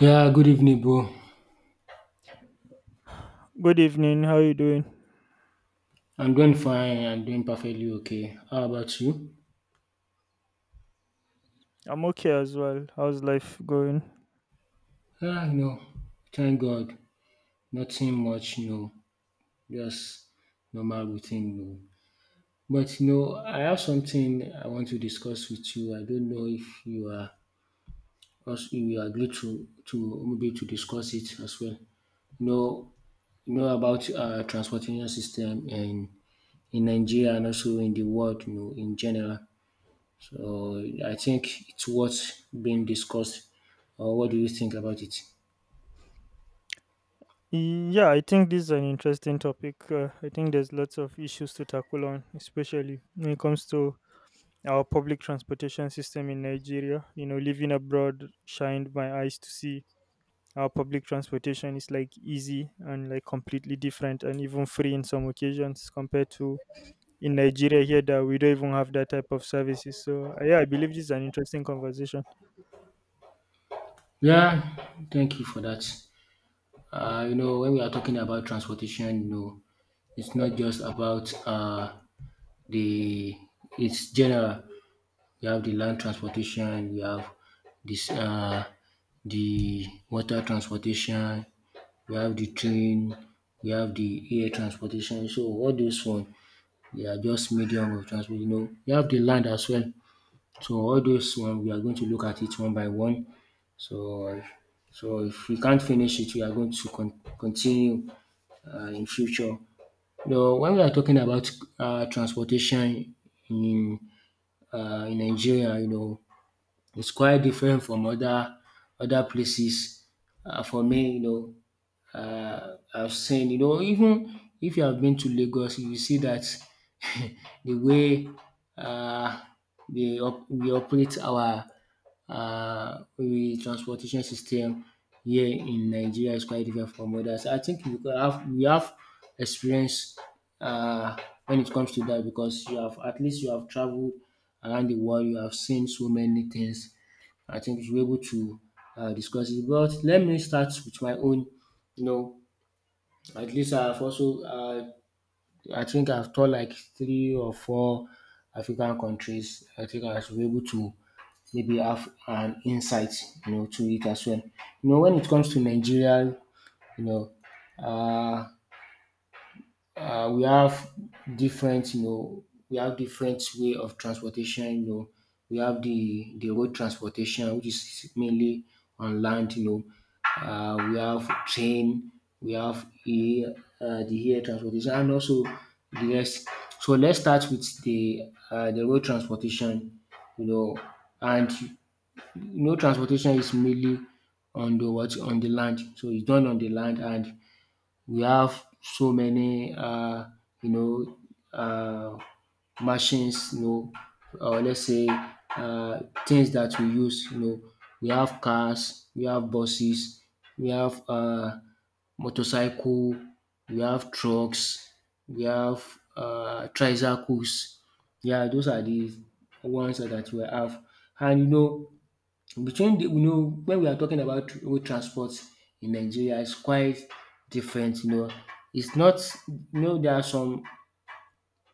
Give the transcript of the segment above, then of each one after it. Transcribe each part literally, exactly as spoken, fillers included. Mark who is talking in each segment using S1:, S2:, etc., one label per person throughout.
S1: Yeah, good evening, bro.
S2: Good evening. How you doing?
S1: I'm doing fine. I'm doing perfectly okay. How about you?
S2: I'm okay as well. How's life going?
S1: Yeah, you know, thank God. Nothing much, you know, just normal routine, you know. But you know, I have something I want to discuss with you. I don't know if you are also if you agree to to maybe to discuss it as well. You know, you know about uh, transportation system in in Nigeria and also in the world, you know, in general. So I think it's what's being discussed. Or what do you think about it?
S2: Yeah, I think this is an interesting topic. Uh, I think there's lots of issues to tackle on, especially when it comes to our public transportation system in Nigeria. You know, living abroad shined my eyes to see our public transportation is like easy and like completely different and even free in some occasions compared to in Nigeria here that we don't even have that type of services. So uh, yeah, I believe this is an interesting conversation.
S1: Yeah, thank you for that. Uh, you know, when we are talking about transportation, you know, it's not just about uh, the it's general. We have the land transportation, we have this uh, the water transportation, we have the train, we have the air transportation. So all those one, they are just medium of transport. You know, we have the land as well. So all those one we are going to look at it one by one. So so if we can't finish it, we are going to con- continue uh, in future. Now, when we are talking about uh, transportation in uh, in Nigeria, you know, it's quite different from other other places. Uh, for me, you know, uh, have seen. You know, even if you have been to Lagos, you will see that the way uh, they op- we operate our uh, we transportation system here in Nigeria is quite different from others. I think we could have we have experience uh, when it comes to that, because you have at least you have traveled around the world, you have seen so many things. I think we should be able to uh, discuss it. But let me start with my own. You know, at least I've also, uh, I think I've taught like three or four African countries. I think I should be able to maybe have an insight, you know, to it as well. You know, when it comes to Nigeria, you know, uh, uh, we have different, you know, we have different way of transportation. You know, we have the the road transportation, which is mainly on land. You know, uh, we have train, we have air, uh, the air transportation, and also the rest. So let's start with the uh, the road transportation. You know, and you know, transportation is mainly on the what on the land. So it's done on the land, and we have so many um you know um machines, you know or let's say um things that we use you know. We have cars, we have buses, we have um motorcycle, we have trucks, we have um tricycles. Yeah, those are the ones that we have. And you know between the you know, when we are talking about road transport in Nigeria, it's quite different, you know. It's not you know, there are some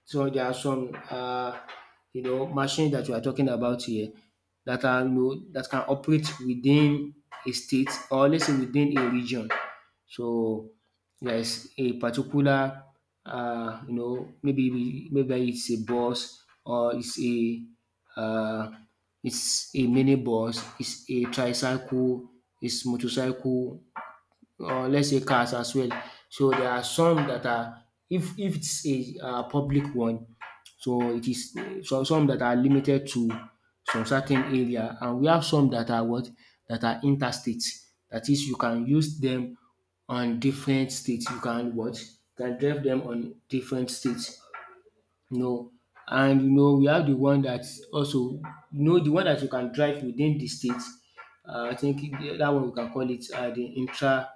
S1: so there are some uh, you know machines that we are talking about here that are you know, that can operate within a state, or let's say within a region. So there is a particular uh, you know maybe maybe it's a bus, or it's a uh, it's a mini bus, it's a tricycle, it's motorcycle, or let's say cars as well. So there are some that are, if if it's a uh, public one, so it is, some some that are limited to some certain area, and we have some that are what that are interstate. That is, you can use them on different states. You can what you can drive them on different states. No, and you know we have the one that also you know the one that you can drive within the state. Uh, I think it- that one we can call it uh, the intra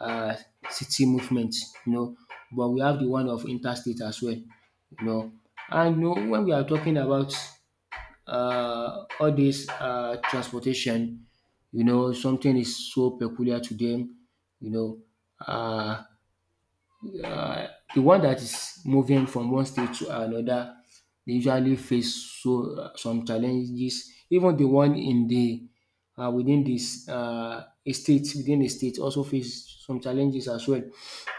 S1: uh, city movement. You know, but we have the one of interstate as well. You know, and you know when we are talking about uh, all this uh, transportation, you know something is so peculiar to them. You know, uh, the one that is moving from one state to another, they usually face so uh, some challenges. Even the one in the um within this um a state within a state also face some challenges as well.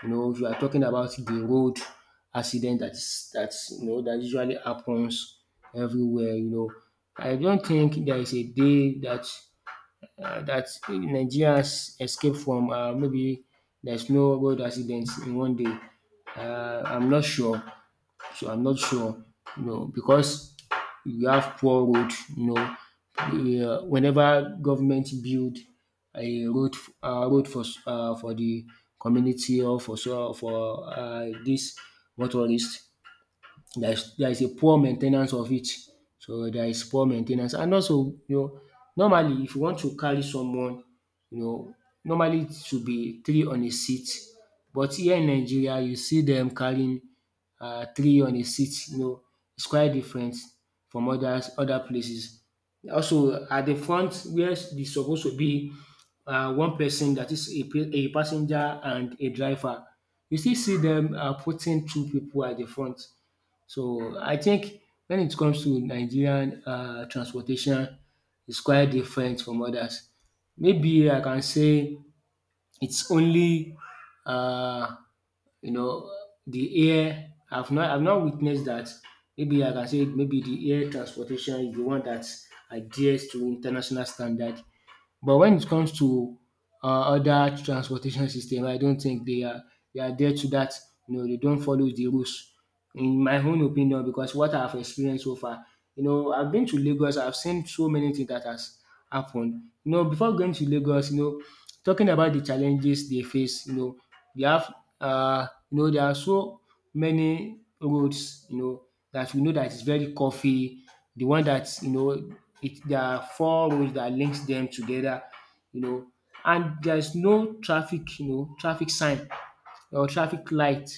S1: You know if you are talking about the road accident that is that you know that usually happens everywhere you know. I don't think there is a day that uh, that Nigerians escape from um maybe there's no road accidents in one day. Uh, I'm not sure. So I'm not sure. No, because we have poor road. You know, We, uh, whenever government build a road, f- uh, road for s- uh, for the community, or for so for uh, this motorist, there is there is a poor main ten ance of it. So there is poor main ten ance, and also you know normally, if you want to carry someone you know normally it should be three on a seat, but here in Nigeria you see them carrying um three on a seat you know it's quite different from others other places. Also, at the front where where is supposed to be um one person, that is is a pa- a passenger and a driver, you still see them um putting two people at the front. So I think when it comes to Nigerian uh transportation, it's quite different from others. Maybe I can say it's only uh you know the air. I've not I've not witnessed that. Maybe I can say maybe the air transportation is the one that adheres to international standard, but when it comes to uh, other transportation system, I don't think they are, they are there to that. You know, they don't follow the rules. In my own opinion, because what I've experienced so far, you know, I've been to Lagos. I've seen so many things that has happened. You know, before going to Lagos, you know, talking about the challenges they face. You know, they have uh, you know, they are so many roads, you know, that we know that is very coffee. the one that, you know, it, there are four roads that links them together, you know, and there's no traffic, you know, traffic sign or traffic light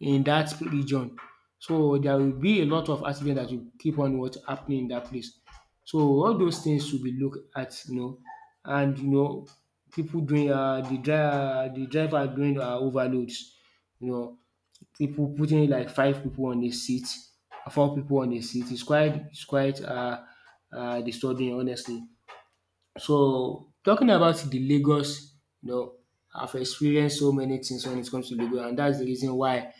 S1: in that region. So there will be a lot of accident that will keep on what happening in that place. So all those things should be looked at, you know, and you know, people doing uh, the driver, the driver doing uh, overloads, you know, people putting like five people on a seat, four people on a seat. It's quite it's quite uh, uh, disturbing, honestly. So talking about the Lagos, you know, I've experienced so many things when it comes to Lagos, and that's the reason why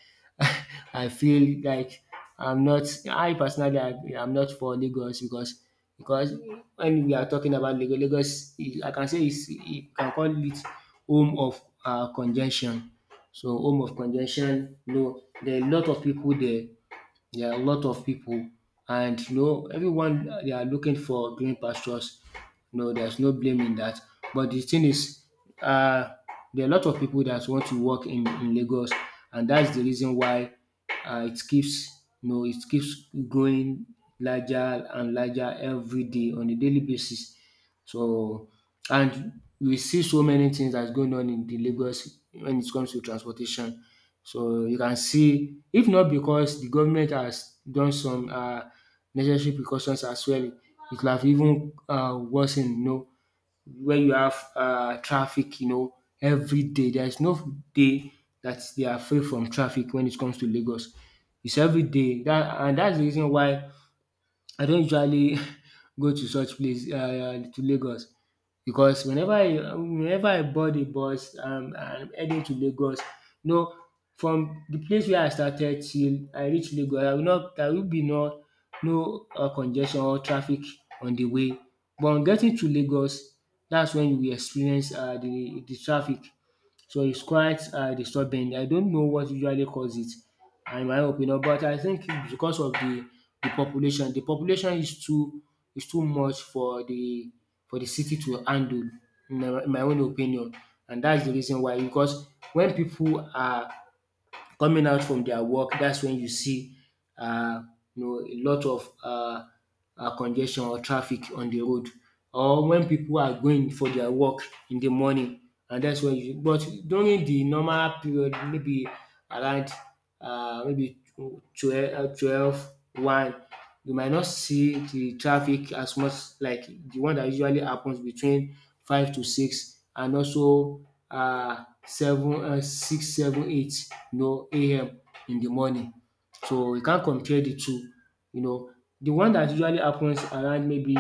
S1: I feel like I'm not. I personally, I, I'm not for Lagos, because because when we are talking about Lagos, Lagos, is- I can say it's, you can call it home of uh, congestion. So home of congestion, you know, there are a lot of people there. There are a lot of people, and you know, everyone uh, they are looking for green pastures. No, there's no blame in that. But the thing is, uh, there are a lot of people that want to work in, in Lagos, and that's the reason why uh, it keeps you know it keeps growing larger and larger every day on a daily basis. So, and we see so many things that's going on in the Lagos when it comes to transportation. So you can see, if not because the government has done some um necessary precautions as well, it could have even um worsen, you know, when you have um traffic, you know, every day. There is no day that they are free from traffic when it comes to Lagos. It's every day, that, and that's the reason why I don't usually go to such place um to Lagos, because whenever I whenever I board a bus, um I'm heading to Lagos, you know from the place where I started till I reach Lagos, I will not there will be no no um congestion or traffic on the way. But on getting to Lagos, that's when you will experience um the the traffic, so it's quite uh, disturbing. I don't know what usually causes it, in my opinion, but I think it's because of the, the population, the population. Is too is too much for the for the city to handle, in my, in my own opinion, and that's the reason why. Because when people are coming out from their work, that's when you see um you know a lot of um congestion or traffic on the road, or when people are going for their work in the morning. And that's when you but During the normal period, maybe around um maybe twelve, twelve one, you might not see the traffic as much, like the one that usually happens between five to six, and also uh seven, um six, seven, eight, you know A M in the morning. So you can't compare the two, you know. The one that usually happens around maybe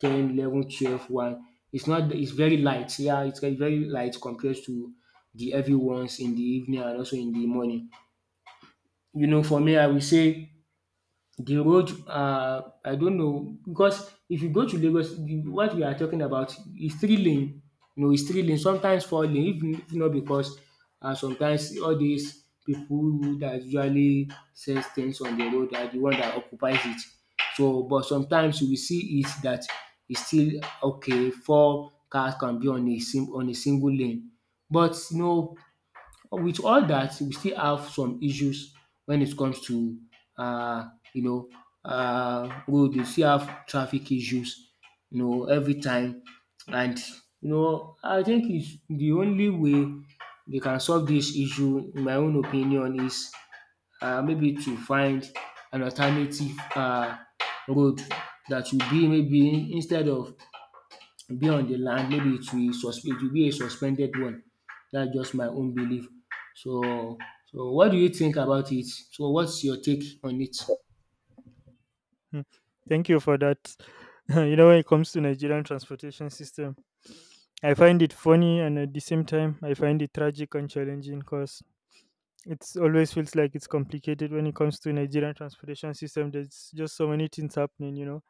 S1: ten, eleven, twelve, one, It's not it's very light, yeah, it's like very light compared to the heavy ones in the evening and also in the morning. You know, for me, I will say the road, um I don't know, because if you go to Lagos, the what we are talking about is three lane, you know, is three lane, sometimes four lane, if if not because um sometimes all these people that usually sells things on the road are the one that occupies it. So but sometimes you will see it that it's still okay, four cars can be on a sim on a single lane. But you know, with all that, we still have some issues when it comes to uh, you know uh, road. We still have traffic issues, you know, every time. And you know I think it's the only way they can solve this issue, in my own opinion, is um maybe to find an alternative uh, road that will be, maybe instead of be on the land, maybe it will sus- it will be a suspended one. That's just my own belief. So, so what do you think about it? So, what's your take on it?
S2: Hmm. Thank you for that. You know, when it comes to Nigerian transportation system, I find it funny and at the same time I find it tragic and challenging because it's always feels like it's complicated when it comes to Nigerian transportation system. There's just so many things happening, you know,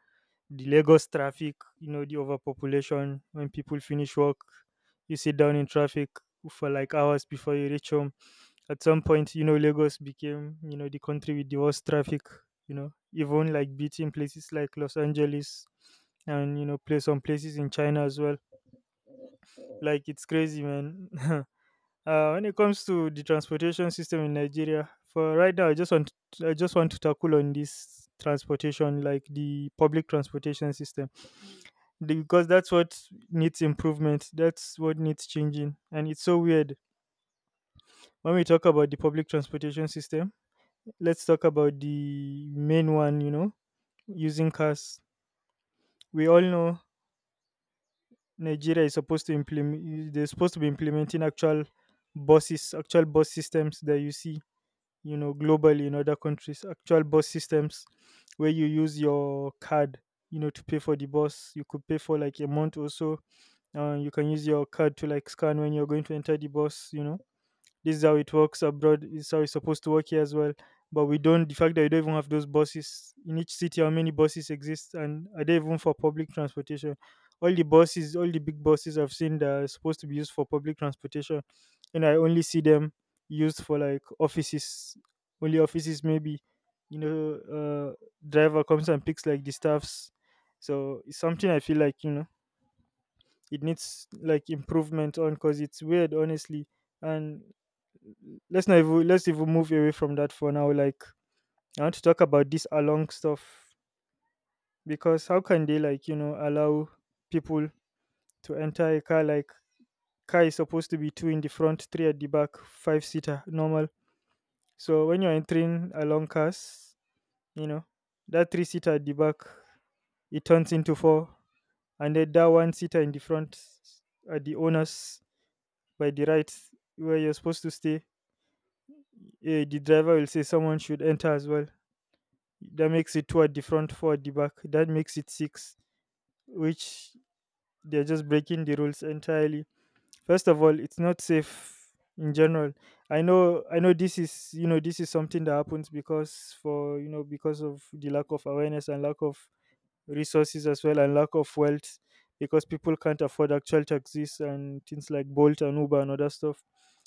S2: the Lagos traffic, you know, the overpopulation when people finish work, you sit down in traffic for like hours before you reach home. At some point, you know, Lagos became, you know, the country with the worst traffic, you know, even like beating places like Los Angeles and, you know, place some places in China as well. Like it's crazy, man. Uh, when it comes to the transportation system in Nigeria, for right now, I just want I just want to tackle on this transportation, like the public transportation system because that's what needs improvement. That's what needs changing. And it's so weird. When we talk about the public transportation system, let's talk about the main one, you know, using cars. We all know Nigeria is supposed to implement, they're supposed to be implementing actual buses, actual bus systems that you see, you know, globally in other countries, actual bus systems where you use your card, you know, to pay for the bus. You could pay for like a month or so. Uh, you can use your card to like scan when you're going to enter the bus, you know. This is how it works abroad. This is how it's supposed to work here as well. But we don't. The fact that we don't even have those buses in each city. How many buses exist and are they even for public transportation? All the buses, all the big buses I've seen that are supposed to be used for public transportation, and I only see them used for like offices, only offices. Maybe, you know, uh driver comes and picks like the staffs. So it's something I feel like, you know, it needs like improvement on because it's weird, honestly. And let's not even let's even move away from that for now. Like, I want to talk about this along stuff because how can they, like, you know, allow people to enter a car? Like, car is supposed to be two in the front, three at the back, five seater normal. So when you're entering along cars, you know, that three seater at the back, it turns into four, and then that one seater in the front at the owners by the right where you're supposed to stay, eh, the driver will say someone should enter as well. That makes it two at the front, four at the back. That makes it six, which, they're just breaking the rules entirely. First of all, it's not safe in general. I know, I know this is, you know, this is something that happens because for, you know, because of the lack of awareness and lack of resources as well and lack of wealth because people can't afford actual taxis and things like Bolt and Uber and other stuff.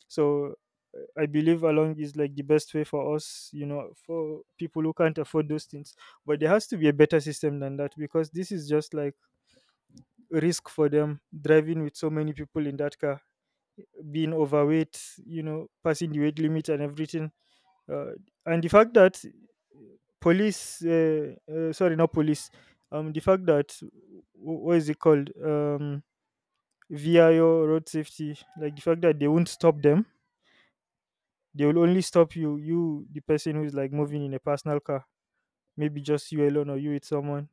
S2: So uh, I believe along is like the best way for us, you know, for people who can't afford those things. But there has to be a better system than that because this is just like a risk for them driving with so many people in that car, being overweight, you know, passing the weight limit and everything. Uh, and the fact that police, uh, uh, sorry, not police, um, the fact that wh- what is it called, um, V I O road safety, like the fact that they won't stop them, they will only stop you, you, the person who is like moving in a personal car, maybe just you alone or you with someone,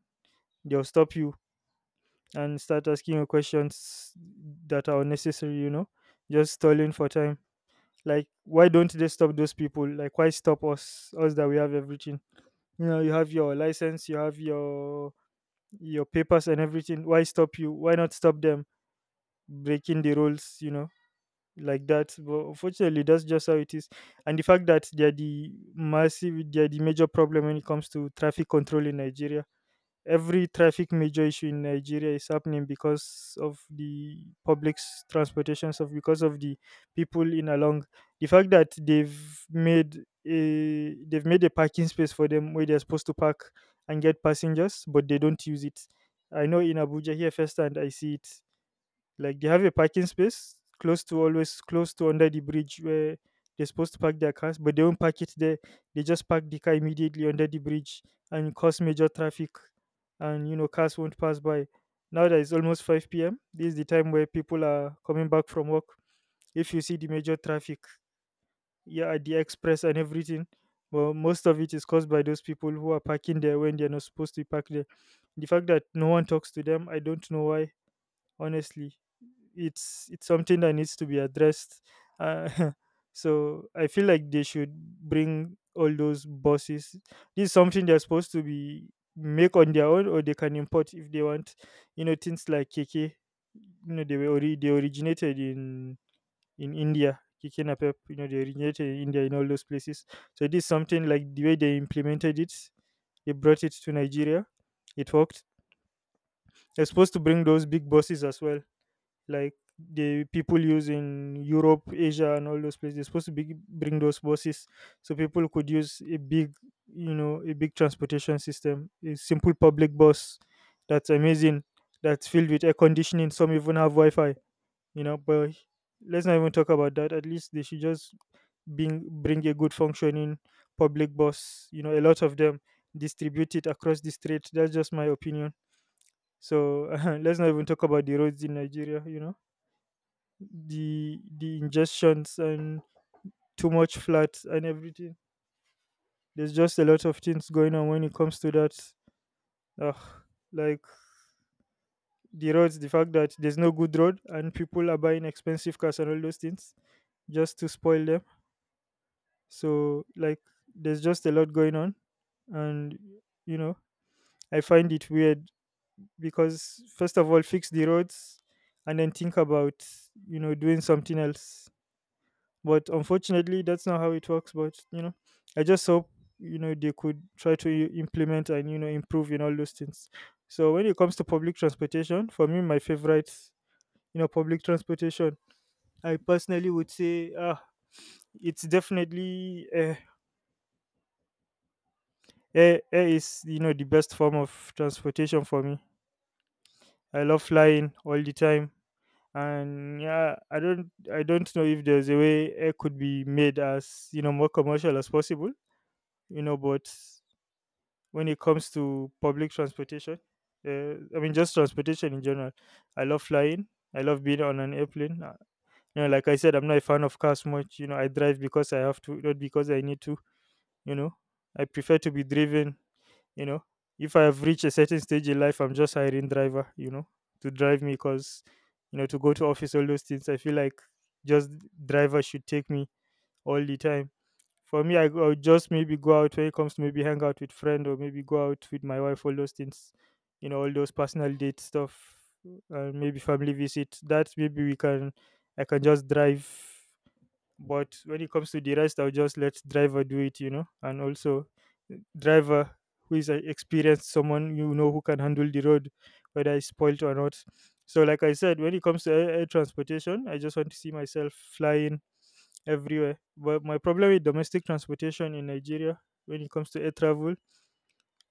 S2: they'll stop you and start asking you questions that are unnecessary, you know, just stalling for time. Like, why don't they stop those people? Like, why stop us, us that we have everything? You know, you have your license, you have your your papers and everything. Why stop you? Why not stop them breaking the rules, you know, like that? But unfortunately, that's just how it is. And the fact that they're the massive they're the major problem when it comes to traffic control in Nigeria. Every traffic major issue in Nigeria is happening because of the public's transportation stuff, because of the people in along. The fact that they've made a they've made a parking space for them where they're supposed to park and get passengers, but they don't use it. I know in Abuja here firsthand I see it, like they have a parking space close to, always close to under the bridge where they're supposed to park their cars, but they do not park it there. They just park the car immediately under the bridge and cause major traffic, and you know, cars won't pass by. Now that it's almost five p m. This is the time where people are coming back from work. If you see the major traffic, yeah, at the express and everything, well, most of it is caused by those people who are parking there when they're not supposed to park there. The fact that no one talks to them, I don't know why, honestly. It's it's something that needs to be addressed. uh, so I feel like they should bring all those bosses. This is something they're supposed to be make on their own, or they can import if they want, you know, things like KK. You know, they were ori- they originated in in India. KK, napep, you know, they originated in India, in all those places. So this is something, like the way they implemented it, they brought it to Nigeria, it worked. They're supposed to bring those big bosses as well, like the people use in Europe, Asia, and all those places. They're supposed to be, bring those buses, so people could use a big, you know, a big transportation system, a simple public bus that's amazing, that's filled with air conditioning. Some even have Wi-Fi, you know. But let's not even talk about that. At least they should just bring bring a good functioning public bus. You know, a lot of them distribute it across the street. That's just my opinion. So let's not even talk about the roads in Nigeria. You know, the the ingestions and too much flat and everything. There's just a lot of things going on when it comes to that. Ugh, like the roads, the fact that there's no good road and people are buying expensive cars and all those things just to spoil them. So like there's just a lot going on, and you know, I find it weird because first of all, fix the roads and then think about, you know, doing something else. But unfortunately, that's not how it works. But you know, I just hope, you know, they could try to i- implement and, you know, improve in all those things. So when it comes to public transportation, for me, my favorite, you know, public transportation, I personally would say, ah, it's definitely uh, air. Air is, you know, the best form of transportation for me. I love flying all the time. And yeah, i don't I don't know if there's a way air could be made as, you know, more commercial as possible, you know, but when it comes to public transportation. Uh, I mean, just transportation in general. I love flying. I love being on an airplane. Uh, You know, like I said, I'm not a fan of cars much. You know, I drive because I have to, not because I need to. You know, I prefer to be driven. You know, if I have reached a certain stage in life, I'm just hiring driver. You know, to drive me because, you know, to go to office, all those things. I feel like just driver should take me all the time. For me, I go I'll just maybe go out when it comes to maybe hang out with friend or maybe go out with my wife. All those things, you know, all those personal date stuff, and maybe family visit. That maybe we can, I can just drive. But when it comes to the rest, I'll just let driver do it, you know. And also, uh, driver who is an experienced someone, you know, who can handle the road, whether it's spoiled or not. So, like I said, when it comes to air, air transportation, I just want to see myself flying everywhere. But my problem with domestic transportation in Nigeria when it comes to air travel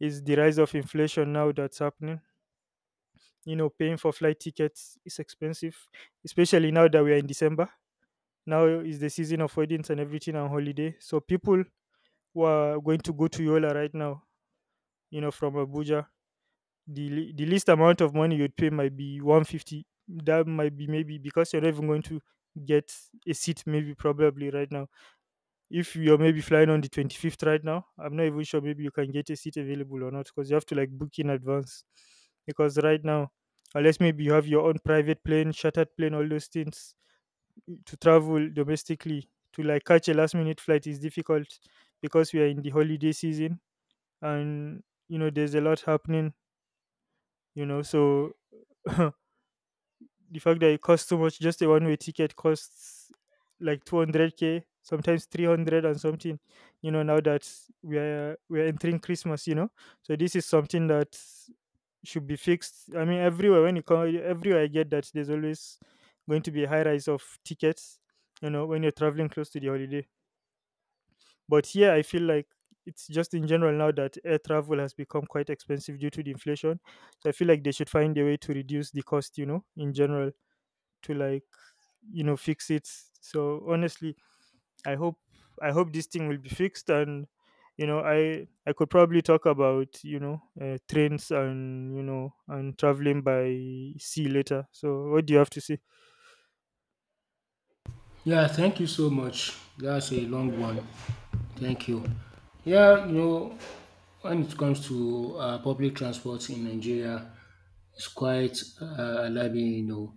S2: is the rise of inflation now that's happening. You know, paying for flight tickets is expensive, especially now that we are in December. Now is the season of weddings and everything on holiday. So people who are going to go to Yola right now, you know, from Abuja, the le- the least amount of money you'd pay might be one fifty. That might be maybe because you're not even going to get a seat, maybe probably right now. If you're maybe flying on the twenty-fifth right now, I'm not even sure maybe you can get a seat available or not, because you have to like book in advance. Because right now, unless maybe you have your own private plane, chartered plane, all those things, to travel domestically, to like catch a last minute flight is difficult because we are in the holiday season, and you know there's a lot happening, you know, so the fact that it costs so much, just a one way ticket costs like two hundred k, sometimes three hundred and something, you know, now that we're we're entering Christmas, you know. So this is something that should be fixed. I mean, everywhere when you come, everywhere, I get that there's always going to be a high rise of tickets, you know, when you're traveling close to the holiday. But here I feel like it's just in general now that air travel has become quite expensive due to the inflation. So I feel like they should find a way to reduce the cost, you know, in general, to like, you know, fix it. So honestly, i hope i hope this thing will be fixed, and you know, i i could probably talk about, you know, uh, trains and, you know, and traveling by sea later. So what do you have to say?
S1: Yeah, thank you so much. That's a long one. Thank you. Yeah, you know, when it comes to uh, public transport in Nigeria, it's quite uh, alarming. You know,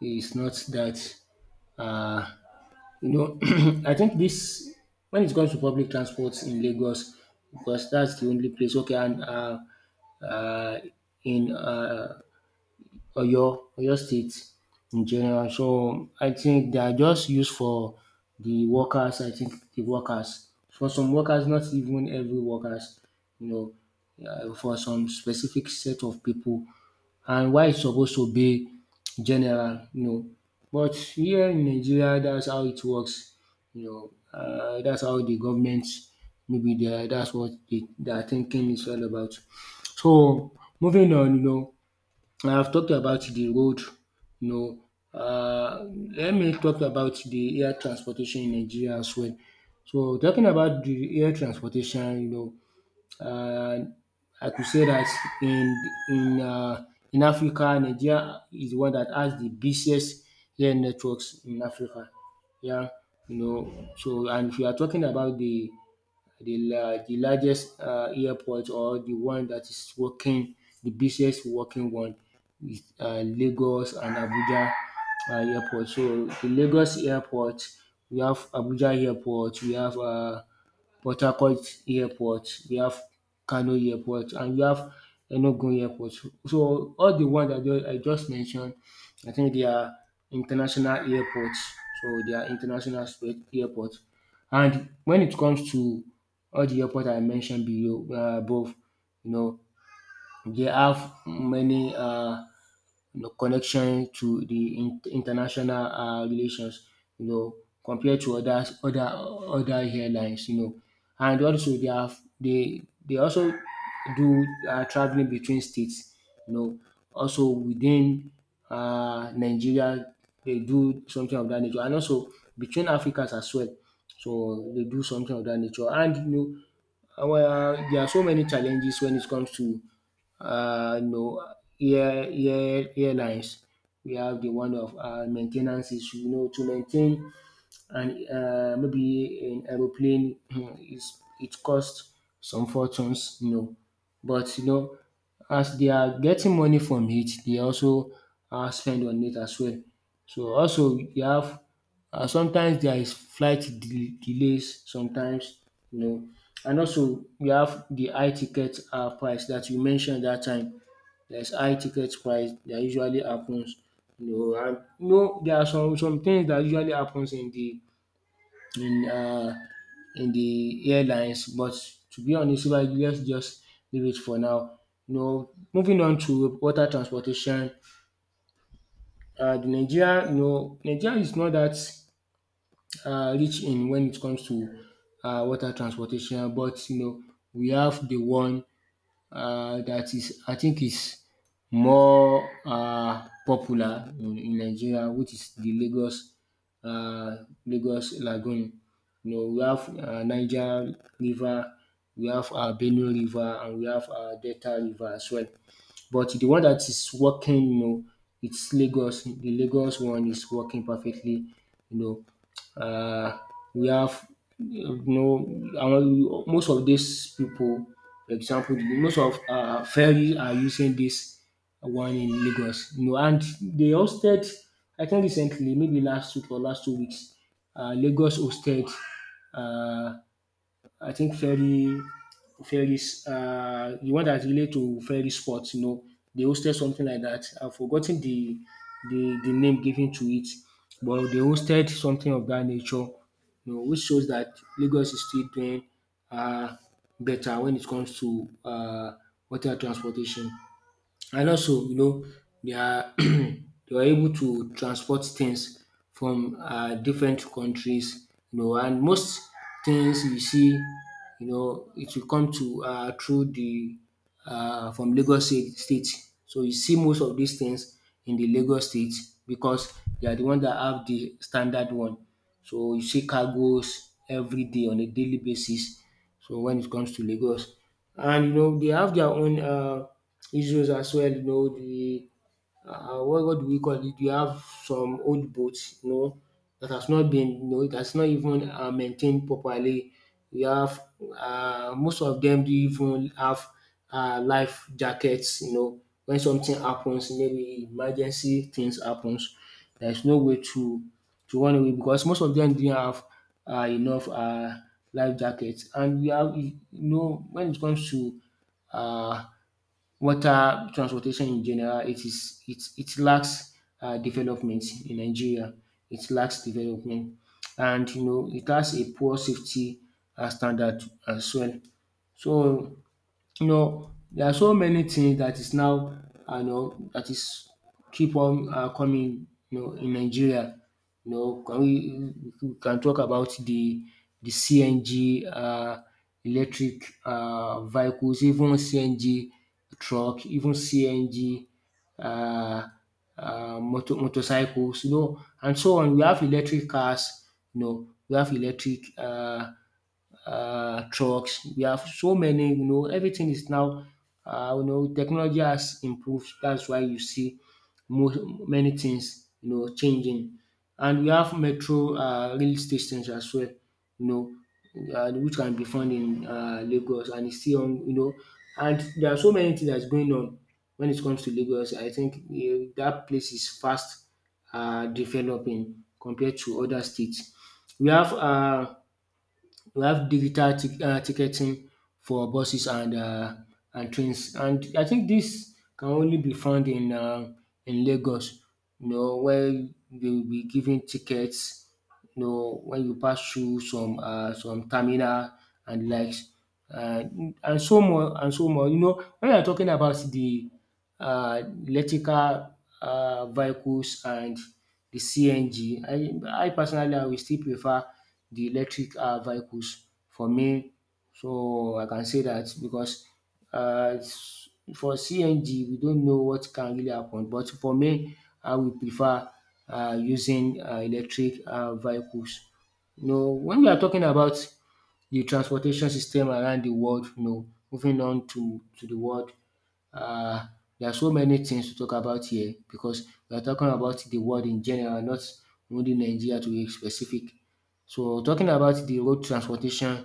S1: it's not that uh, You know, I think this when it comes to public transport in Lagos, because that's the only place. Okay, and uh, uh, in uh, Oyo, Oyo State in general. So I think they are just used for the workers. I think the workers for some workers, not even every workers. You know, uh, for some specific set of people, and why it's supposed to be general, you know. But here in Nigeria, that's how it works, you know. Uh, that's how the government, maybe they are- that's what they, their thinking is all about. So moving on, you know, I've talked about the road, you know. Uh, Let me talk about the air transportation in Nigeria as well. So talking about the air transportation, you know, uh, I could say that in in uh, in Africa, Nigeria is the one that has the busiest air networks in Africa. Yeah, you know. So and if you are talking about the the la- the largest uh, airport, or the one that is working, the busiest working one is uh, Lagos and Abuja uh, airport. So the Lagos airport, we have Abuja airport, we have uh, Port Harcourt airport, we have Kano airport, and we have Enugu airport. So all the ones that ju- I just mentioned, I think they are international airports. So they are international sp- airports. And when it comes to all the airport I mentioned below uh, above, you know, they have many uh, you know, connection to the in- international uh, relations, you know, compared to other other other airlines, you know. And also they have they they also do uh, traveling between states, you know, also within uh, Nigeria. They do something of that nature, and also between Africans as well. So they do something of that nature. And you know, uh, well, there are so many challenges when it comes to uh, no year year airlines. We have the one of uh, maintenance ten issue. You know, to maintain and uh, maybe an aeroplane is, it costs some fortunes, you know. But you know, as they are getting money from it, they also uh, spend on it as well. So also you have, uh, sometimes there is flight de- delays, sometimes, you know. And also you have the high ticket uh, price that you mentioned that time. There's high ticket price that usually happens, you know. And you know there are some some things that usually happens in the in uh, in the airlines, but to be honest, um let's just leave it for now. You know, moving on to water transportation, uh, the Nigeria you know Nigeria is not that uh rich in, when it comes to uh water transportation. But you know, we have the one uh, that is, I think, is more uh, popular in, in Nigeria, which is the Lagos, uh, Lagos Lagoon. You know, we have uh, Niger River, we have uh, Benue River, and we have uh, Delta River as well. But the one that is working, you know, it's Lagos. The Lagos one is working perfectly. You know, uh, we have, you know, our- most of these people, for example, most of uh, ferry are using this one in Lagos. You know, and they hosted, I think recently, maybe last week or last two weeks, uh, Lagos hosted. Uh, I think ferry, ferry, uh, The one that relate to ferry sports, you know, they hosted something like that. I've forgotten the the, the name given to it, but they hosted something of that nature, you know, which shows that Lagos is still doing uh, better when it comes to uh, water transportation. And also, you know, they are they were able to transport things from uh, different countries, you know. And most things you see, you know, it will come to uh, through the uh, from Lagos state, state. So you see most of these things in the Lagos state, because they are the ones that have the standard one. So you see cargoes every day on a daily basis. So when it comes to Lagos, and you know, they have their own uh, issues as well. You know, the uh, what, what do we call it? We have some old boats, you know, that has not been, you know, that's not even uh, maintained properly. We have, uh, most of them do even have uh, life jackets, you know. When something happens, maybe emergency things happens, there's no way to to run away, because most of them didn't have uh, enough uh, life jackets. And we have, you know, when it comes to uh, water transportation in general, it is it it lacks um development in Nigeria. It lacks development, and you know, it has a poor safety um standard as well. So you know, there are so many things that is now, um you know that is keep on um coming, you know, in Nigeria. You know can we we can talk about the the C N G um electric um vehicles, even C N G truck, even C N G um um motor motorcycles, you know, and so on. We have electric cars, you know, we have electric um um trucks, we have so many, you know. Everything is now, um you know technology has improved. That's why you see most many things, you know, changing. And we have metro um rail stations as well, you know, um which can be found in um Lagos, and it's still on, you know. And there are so many things that's going on when it comes to Lagos. I think um dat place is fast um developing compared to other states. We have um we have digital tic- uh, ticketing for buses, and uh, and trains, and I think this can only be found in uh, in Lagos. You know, where they will be giving tickets. You know, when you pass through some uh, some terminal and likes, uh, and so more and so more. You know, when you're talking about the uh, electrical uh, vehicles and the C N G, I, I personally, I will still prefer the electric uh, vehicles for me. So I can say that because, uh, s- for C N G, we don't know what can really happen. But for me, I will prefer uh, using uh, electric uh, vehicles. You know, when we are talking about the transportation system around the world, you know, moving on to, to the world, uh, there are so many things to talk about here, because we are talking about the world in general, not only Nigeria to be specific. So talking about the road transportation,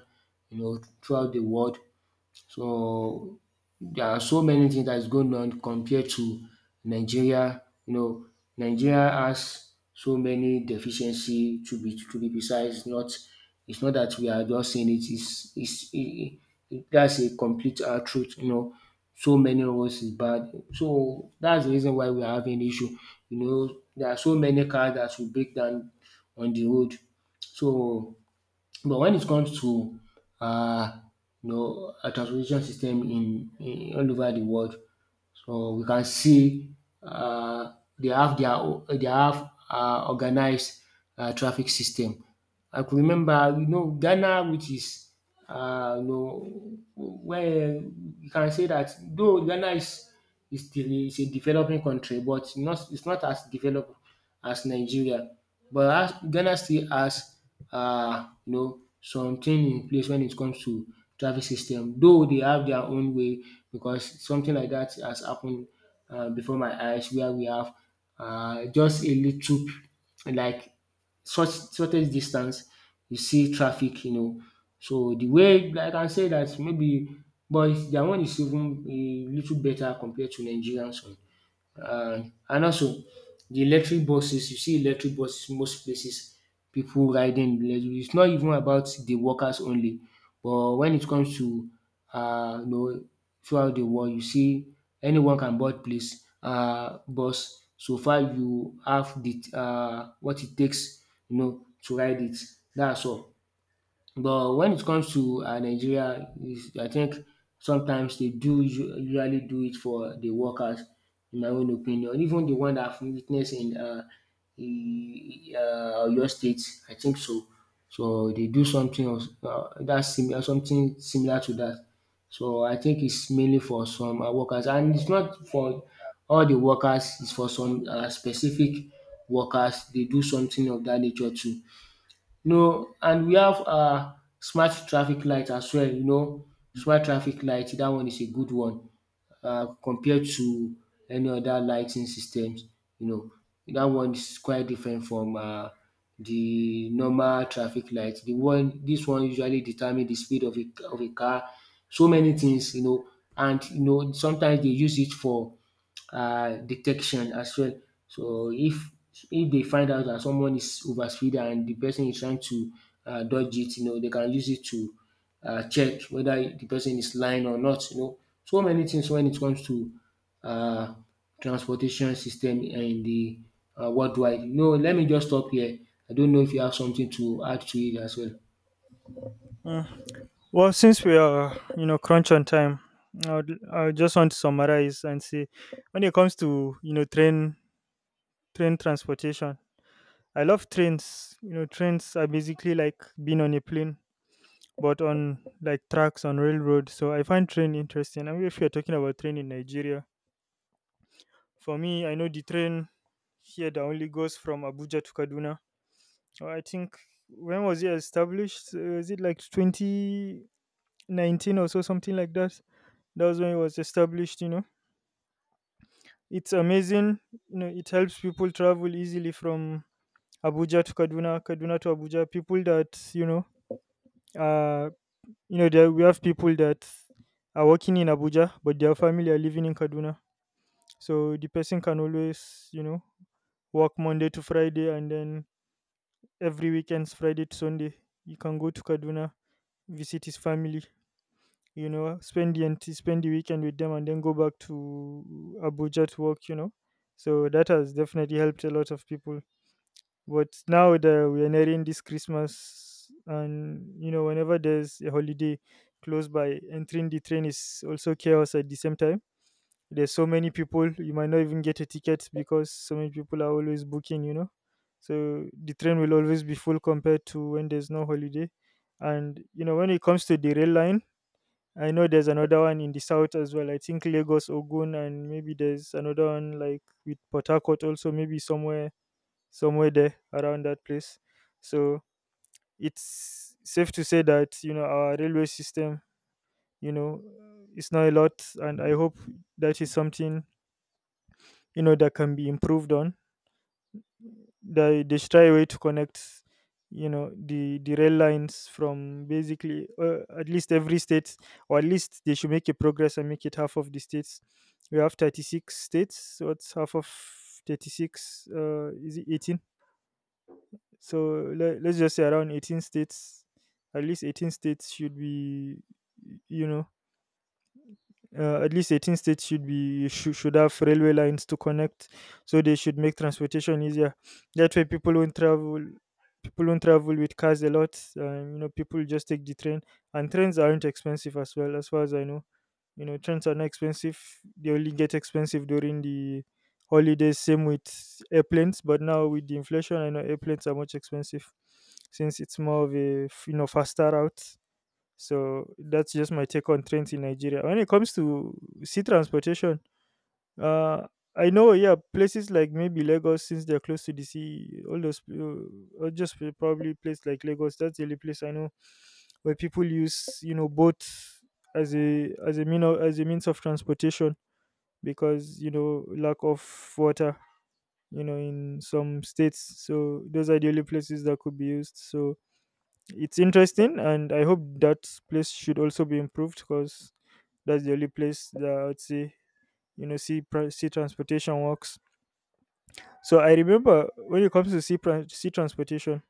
S1: you know, throughout the world. So there are so many things that is going on compared to Nigeria. You know, Nigeria has so many deficiency, to be to be precise. Not it's not that we are just saying it is is it, it, that's a complete uh, truth. You know, so many of us is bad. So that's the reason why we are having issue. You know, there are so many cars that will break down on the road. So but when it comes to uh, you know, a transportation system in, in all over the world, so we can see uh, they have their o- they have uh, organized uh, traffic system. I could remember, you know, Ghana, which is, uh, you know, where you can say that, though Ghana is is still is a developing country, but not it's not as developed as Nigeria. But as Ghana still has, uh, you know, something in place when it comes to traffic system, though they have their own way. Because something like that has happened uh, before my eyes, where we have uh, just a little, p- like short shortest distance, you see traffic, you know. So the way, like I can say that, maybe, but their one is even a little better compared to Nigerians. uh, and also the electric buses, you see electric buses most places, people riding the electric. It's not even about the workers only, but when it comes to, uh, you know, throughout the world, you see anyone can board place uh, bus. So far you have the, uh, what it takes, you know, to ride it. That's all. But when it comes to um Nigeria, is I think sometimes they do usu- usually do it for the workers, in my own opinion. Even the one that I've witnessed in um in um Oyo State, I think so. So they do something of um dat similar something similar to that. So I think it's mainly for some um workers, and it's not for all the workers, it's for some um specific workers, they do something of that nature too. No, and we have um smart traffic light as well, you know. Smart traffic light That one is a good one uh, compared to any other lighting systems, you know. That one is quite different from uh the normal traffic light. The one This one usually determine the speed of a of a car, so many things, you know. And you know, sometimes they use it for uh, detection as well. So if if they find out that someone is overspeeding and the person is trying to uh, dodge it, you know, they can use it to uh, check whether the person is lying or not. You know, so many things when it comes to uh, transportation system in the uh, worldwide. No, let me just stop here. I don't know if you have something to add to it as well.
S2: Uh, well, since we are, you know, crunch on time, I, would, I just want to summarize and say, when it comes to, you know, train train transportation, I love trains. You know, trains are basically like being on a plane, but on like tracks on railroad. So I find train interesting. I mean, if you're talking about train in Nigeria, for me, I know the train here that only goes from Abuja to Kaduna. Uh, I think, when was it established? Uh, Is it like twenty nineteen or so, something like that? That was when it was established. You know, it's amazing. You know, it helps people travel easily from Abuja to Kaduna, Kaduna to Abuja. People that you know. Uh, You know, there we have people that are working in Abuja, but their family are living in Kaduna. So the person can always, you know, work Monday to Friday, and then every weekends, Friday to Sunday, he can go to Kaduna, visit his family. You know, spend the ent- spend the weekend with them, and then go back to Abuja to work. You know, so that has definitely helped a lot of people. But now that we are nearing this Christmas, and you know, whenever there's a holiday close by, entering the train is also chaos at the same time. There's so many people, you might not even get a ticket because so many people are always booking, you know. So the train will always be full compared to when there's no holiday. And you know, when it comes to the rail line, I know there's another one in the south as well. I think Lagos, Ogun, and maybe there's another one like with Port Harcourt also, maybe somewhere somewhere there around that place. So it's safe to say that, you know, our railway system, you know, it's not a lot, and I hope that is something, you know, that can be improved on. They they should try a way to connect, you know, the the rail lines from basically uh, at least every state, or at least they should make a progress and make it half of the states. We have thirty six states. So it's half of thirty six? Uh, is it eighteen? So let, let's just say around eighteen states, at least eighteen states should be, you know, uh, at least eighteen states should be should, should have railway lines to connect. So they should make transportation easier. That way, people won't travel. People won't travel with cars a lot. Um, you know, people just take the train, and trains aren't expensive as well, as far as I know. You know, trains are not expensive, they only get expensive during the holidays, same with airplanes. But now with the inflation, I know airplanes are much expensive since it's more of a f- you know, faster route. So that's just my take on trains in Nigeria. When it comes to sea transportation, uh, I know, yeah, places like maybe Lagos, since they're close to the sea, all those, uh, or just p- probably place like Lagos. That's the only place I know where people use, you know, boats as a, as a mean of, as a means of transportation, because you know lack of water, you know, in some states. So those are the only places that could be used. So it's interesting, and I hope that place should also be improved, because that's the only place that I would say, you know, sea, pra- sea transportation works. So I remember, when it comes to sea, tran- sea transportation,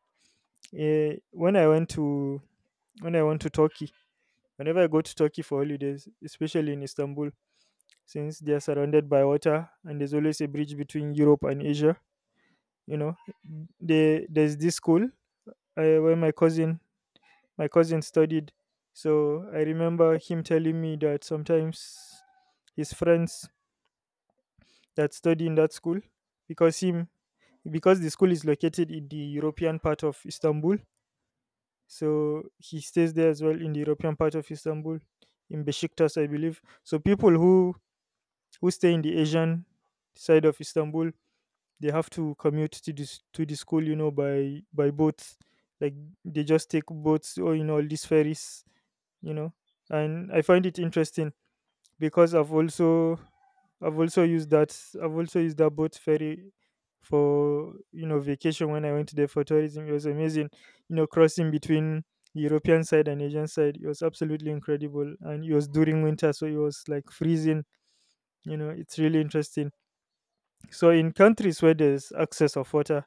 S2: eh, when I went to when I went to Turkey, whenever I go to Turkey for holidays, especially in Istanbul, since they are surrounded by water and there's always a bridge between Europe and Asia, you know, they, there's this school, uh, where my cousin my cousin studied. So I remember him telling me that sometimes his friends that study in that school, because him, because the school is located in the European part of Istanbul. So he stays there as well in the European part of Istanbul, in Besiktas, I believe. So people who who stay in the Asian side of Istanbul, they have to commute to this to the school, you know, by by boats. Like they just take boats, or you know, all these ferries, you know. And I find it interesting because I've also I've also used that I've also used that boat ferry for, you know, vacation when I went there for tourism. It was amazing, you know, crossing between the European side and Asian side. It was absolutely incredible, and it was during winter, so it was like freezing. You know, it's really interesting. So in countries where there's access of water,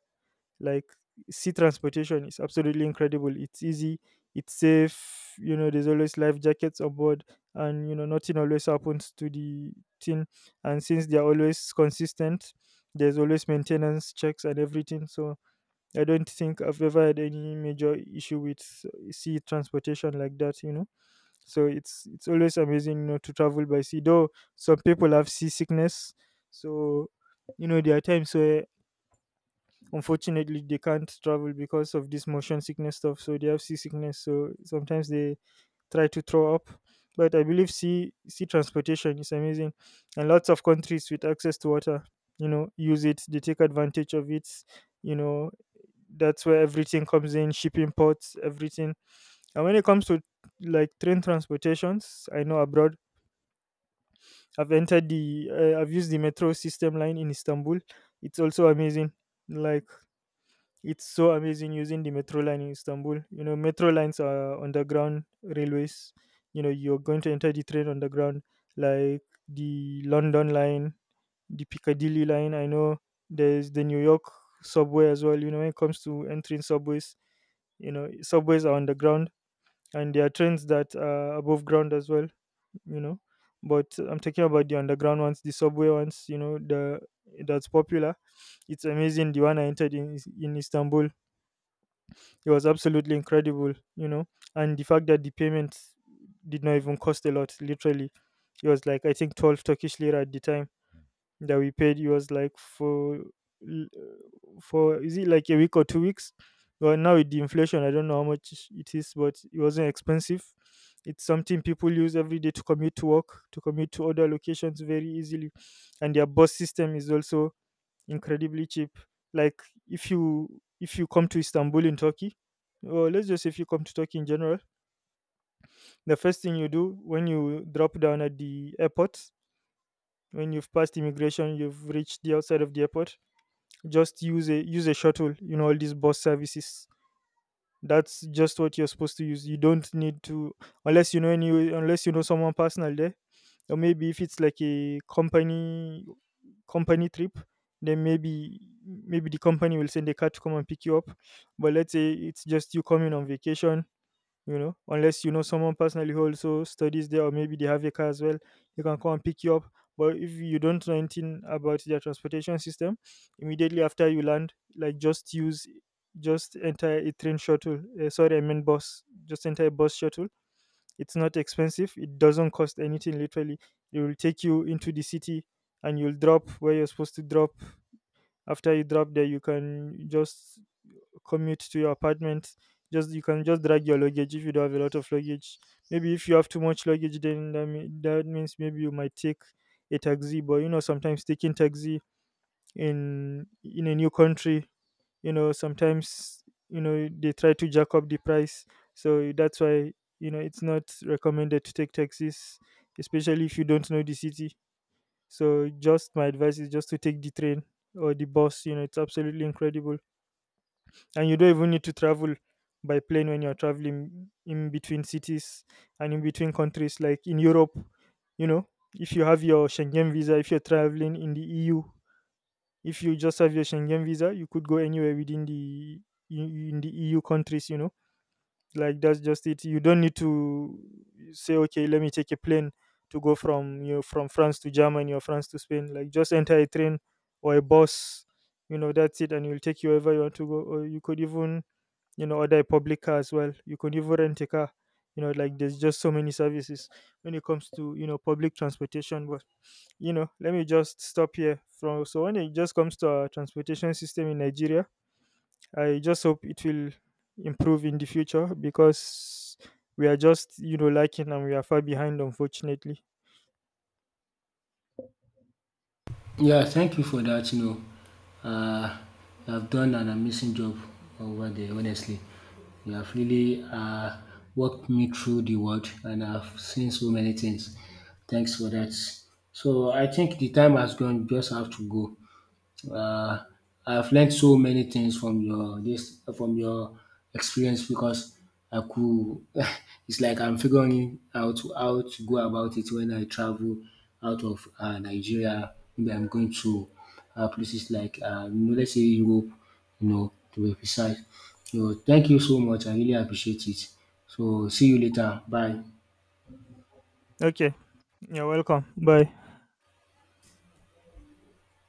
S2: like, sea transportation is absolutely incredible. It's easy, it's safe. You know, there's always life jackets aboard, and you know, nothing always happens to the thing. And since they are always consistent, there's always maintenance checks and everything. So I don't think I've ever had any major issue with uh, sea transportation like that. You know, so it's it's always amazing, you know, to travel by sea. Though some people have seasickness, so you know, there are times where unfortunately they can't travel because of this motion sickness stuff, so they have seasickness, so sometimes they try to throw up. But I believe sea sea transportation is amazing, and lots of countries with access to water, you know, use it, they take advantage of it, you know. That's where everything comes in, shipping ports, everything. And when it comes to like train transportations, I know abroad i've entered the uh, I've used the metro system line in Istanbul. It's also amazing. Like, it's so amazing using the metro line in Istanbul. You know, metro lines are underground railways. You know, you're going to enter the train underground, like the London line, the Piccadilly line. I know there's the New York subway as well. You know, when it comes to entering subways, you know, subways are underground, and there are trains that are above ground as well, you know. But I'm talking about the underground ones, the subway ones, you know, the that's popular. It's amazing, the one I entered in Is- in Istanbul. It was absolutely incredible, you know. And the fact that the payment did not even cost a lot, literally. It was like, I think, twelve Turkish lira at the time that we paid. It was like for l- for, is it like a week or two weeks? Well, now with the inflation, I don't know how much it is, but it wasn't expensive. It's something people use every day to commute to work, to commute to other locations very easily, and their bus system is also incredibly cheap. Like, if you if you come to Istanbul in Turkey, or let's just say if you come to Turkey in general, the first thing you do when you drop down at the airport, when you've passed immigration, you've reached the outside of the airport, just use a use a shuttle. You know, all these bus services. That's just what you're supposed to use. You don't need to, unless you know any, unless you know someone personal there, or maybe if it's like a company company trip, then maybe, maybe the company will send a car to come and pick you up. But let's say it's just you coming on vacation, you know, unless you know someone personally who also studies there, or maybe they have a car as well, they can come and pick you up. But if you don't know anything about their transportation system, immediately after you land, like, just use just enter a train shuttle, uh, sorry, I meant bus, just enter a bus shuttle. It's not expensive. It doesn't cost anything, literally. It will take you into the city, and you'll drop where you're supposed to drop. After you drop there, you can just commute to your apartment. Just, you can just drag your luggage if you don't have a lot of luggage. Maybe if you have too much luggage, then that, mea- that means maybe you might take a taxi. But you know, sometimes taking taxi in in a new country, you know, sometimes, you know, they try to jack up the price. So that's why, you know, it's not recommended to take taxis, especially if you don't know the city. So just my advice is just to take the train or the bus. You know, it's absolutely incredible, and you don't even need to travel by plane when you're traveling in between cities and in between countries like in Europe. You know, if you have your Schengen visa, if you're traveling in the EU, if you just have your Schengen visa, you could go anywhere within the in the E U countries. You know, like, that's just it. You don't need to say, okay, let me take a plane to go from, you know, from France to Germany, or France to Spain. Like, just enter a train or a bus. You know, that's it, and it will take you wherever you want to go. Or you could even, you know, order a public car as well. You could even rent a car. You know, like, there's just so many services when it comes to, you know, public transportation. But, you know, let me just stop here. From so When it just comes to our transportation system in Nigeria, I just hope it will improve in the future, because we are just, you know, lacking, and we are far behind, unfortunately.
S1: Yeah, thank you for that. You know, uh, you have done an amazing job over there. Honestly, you have really uh, walked me through the world, and I've seen so many things. Thanks for that. So I think the time has gone. Just have to go. Uh, I've learned so many things from your this from your experience, because I could it's like I'm figuring out how to go about it when I travel out of uh, Nigeria. Maybe I'm going to uh, places like, uh, you know, let's say Europe, you know, to be precise. So thank you so much. I really appreciate it. So see you later. Bye.
S2: Okay, you're welcome. Bye.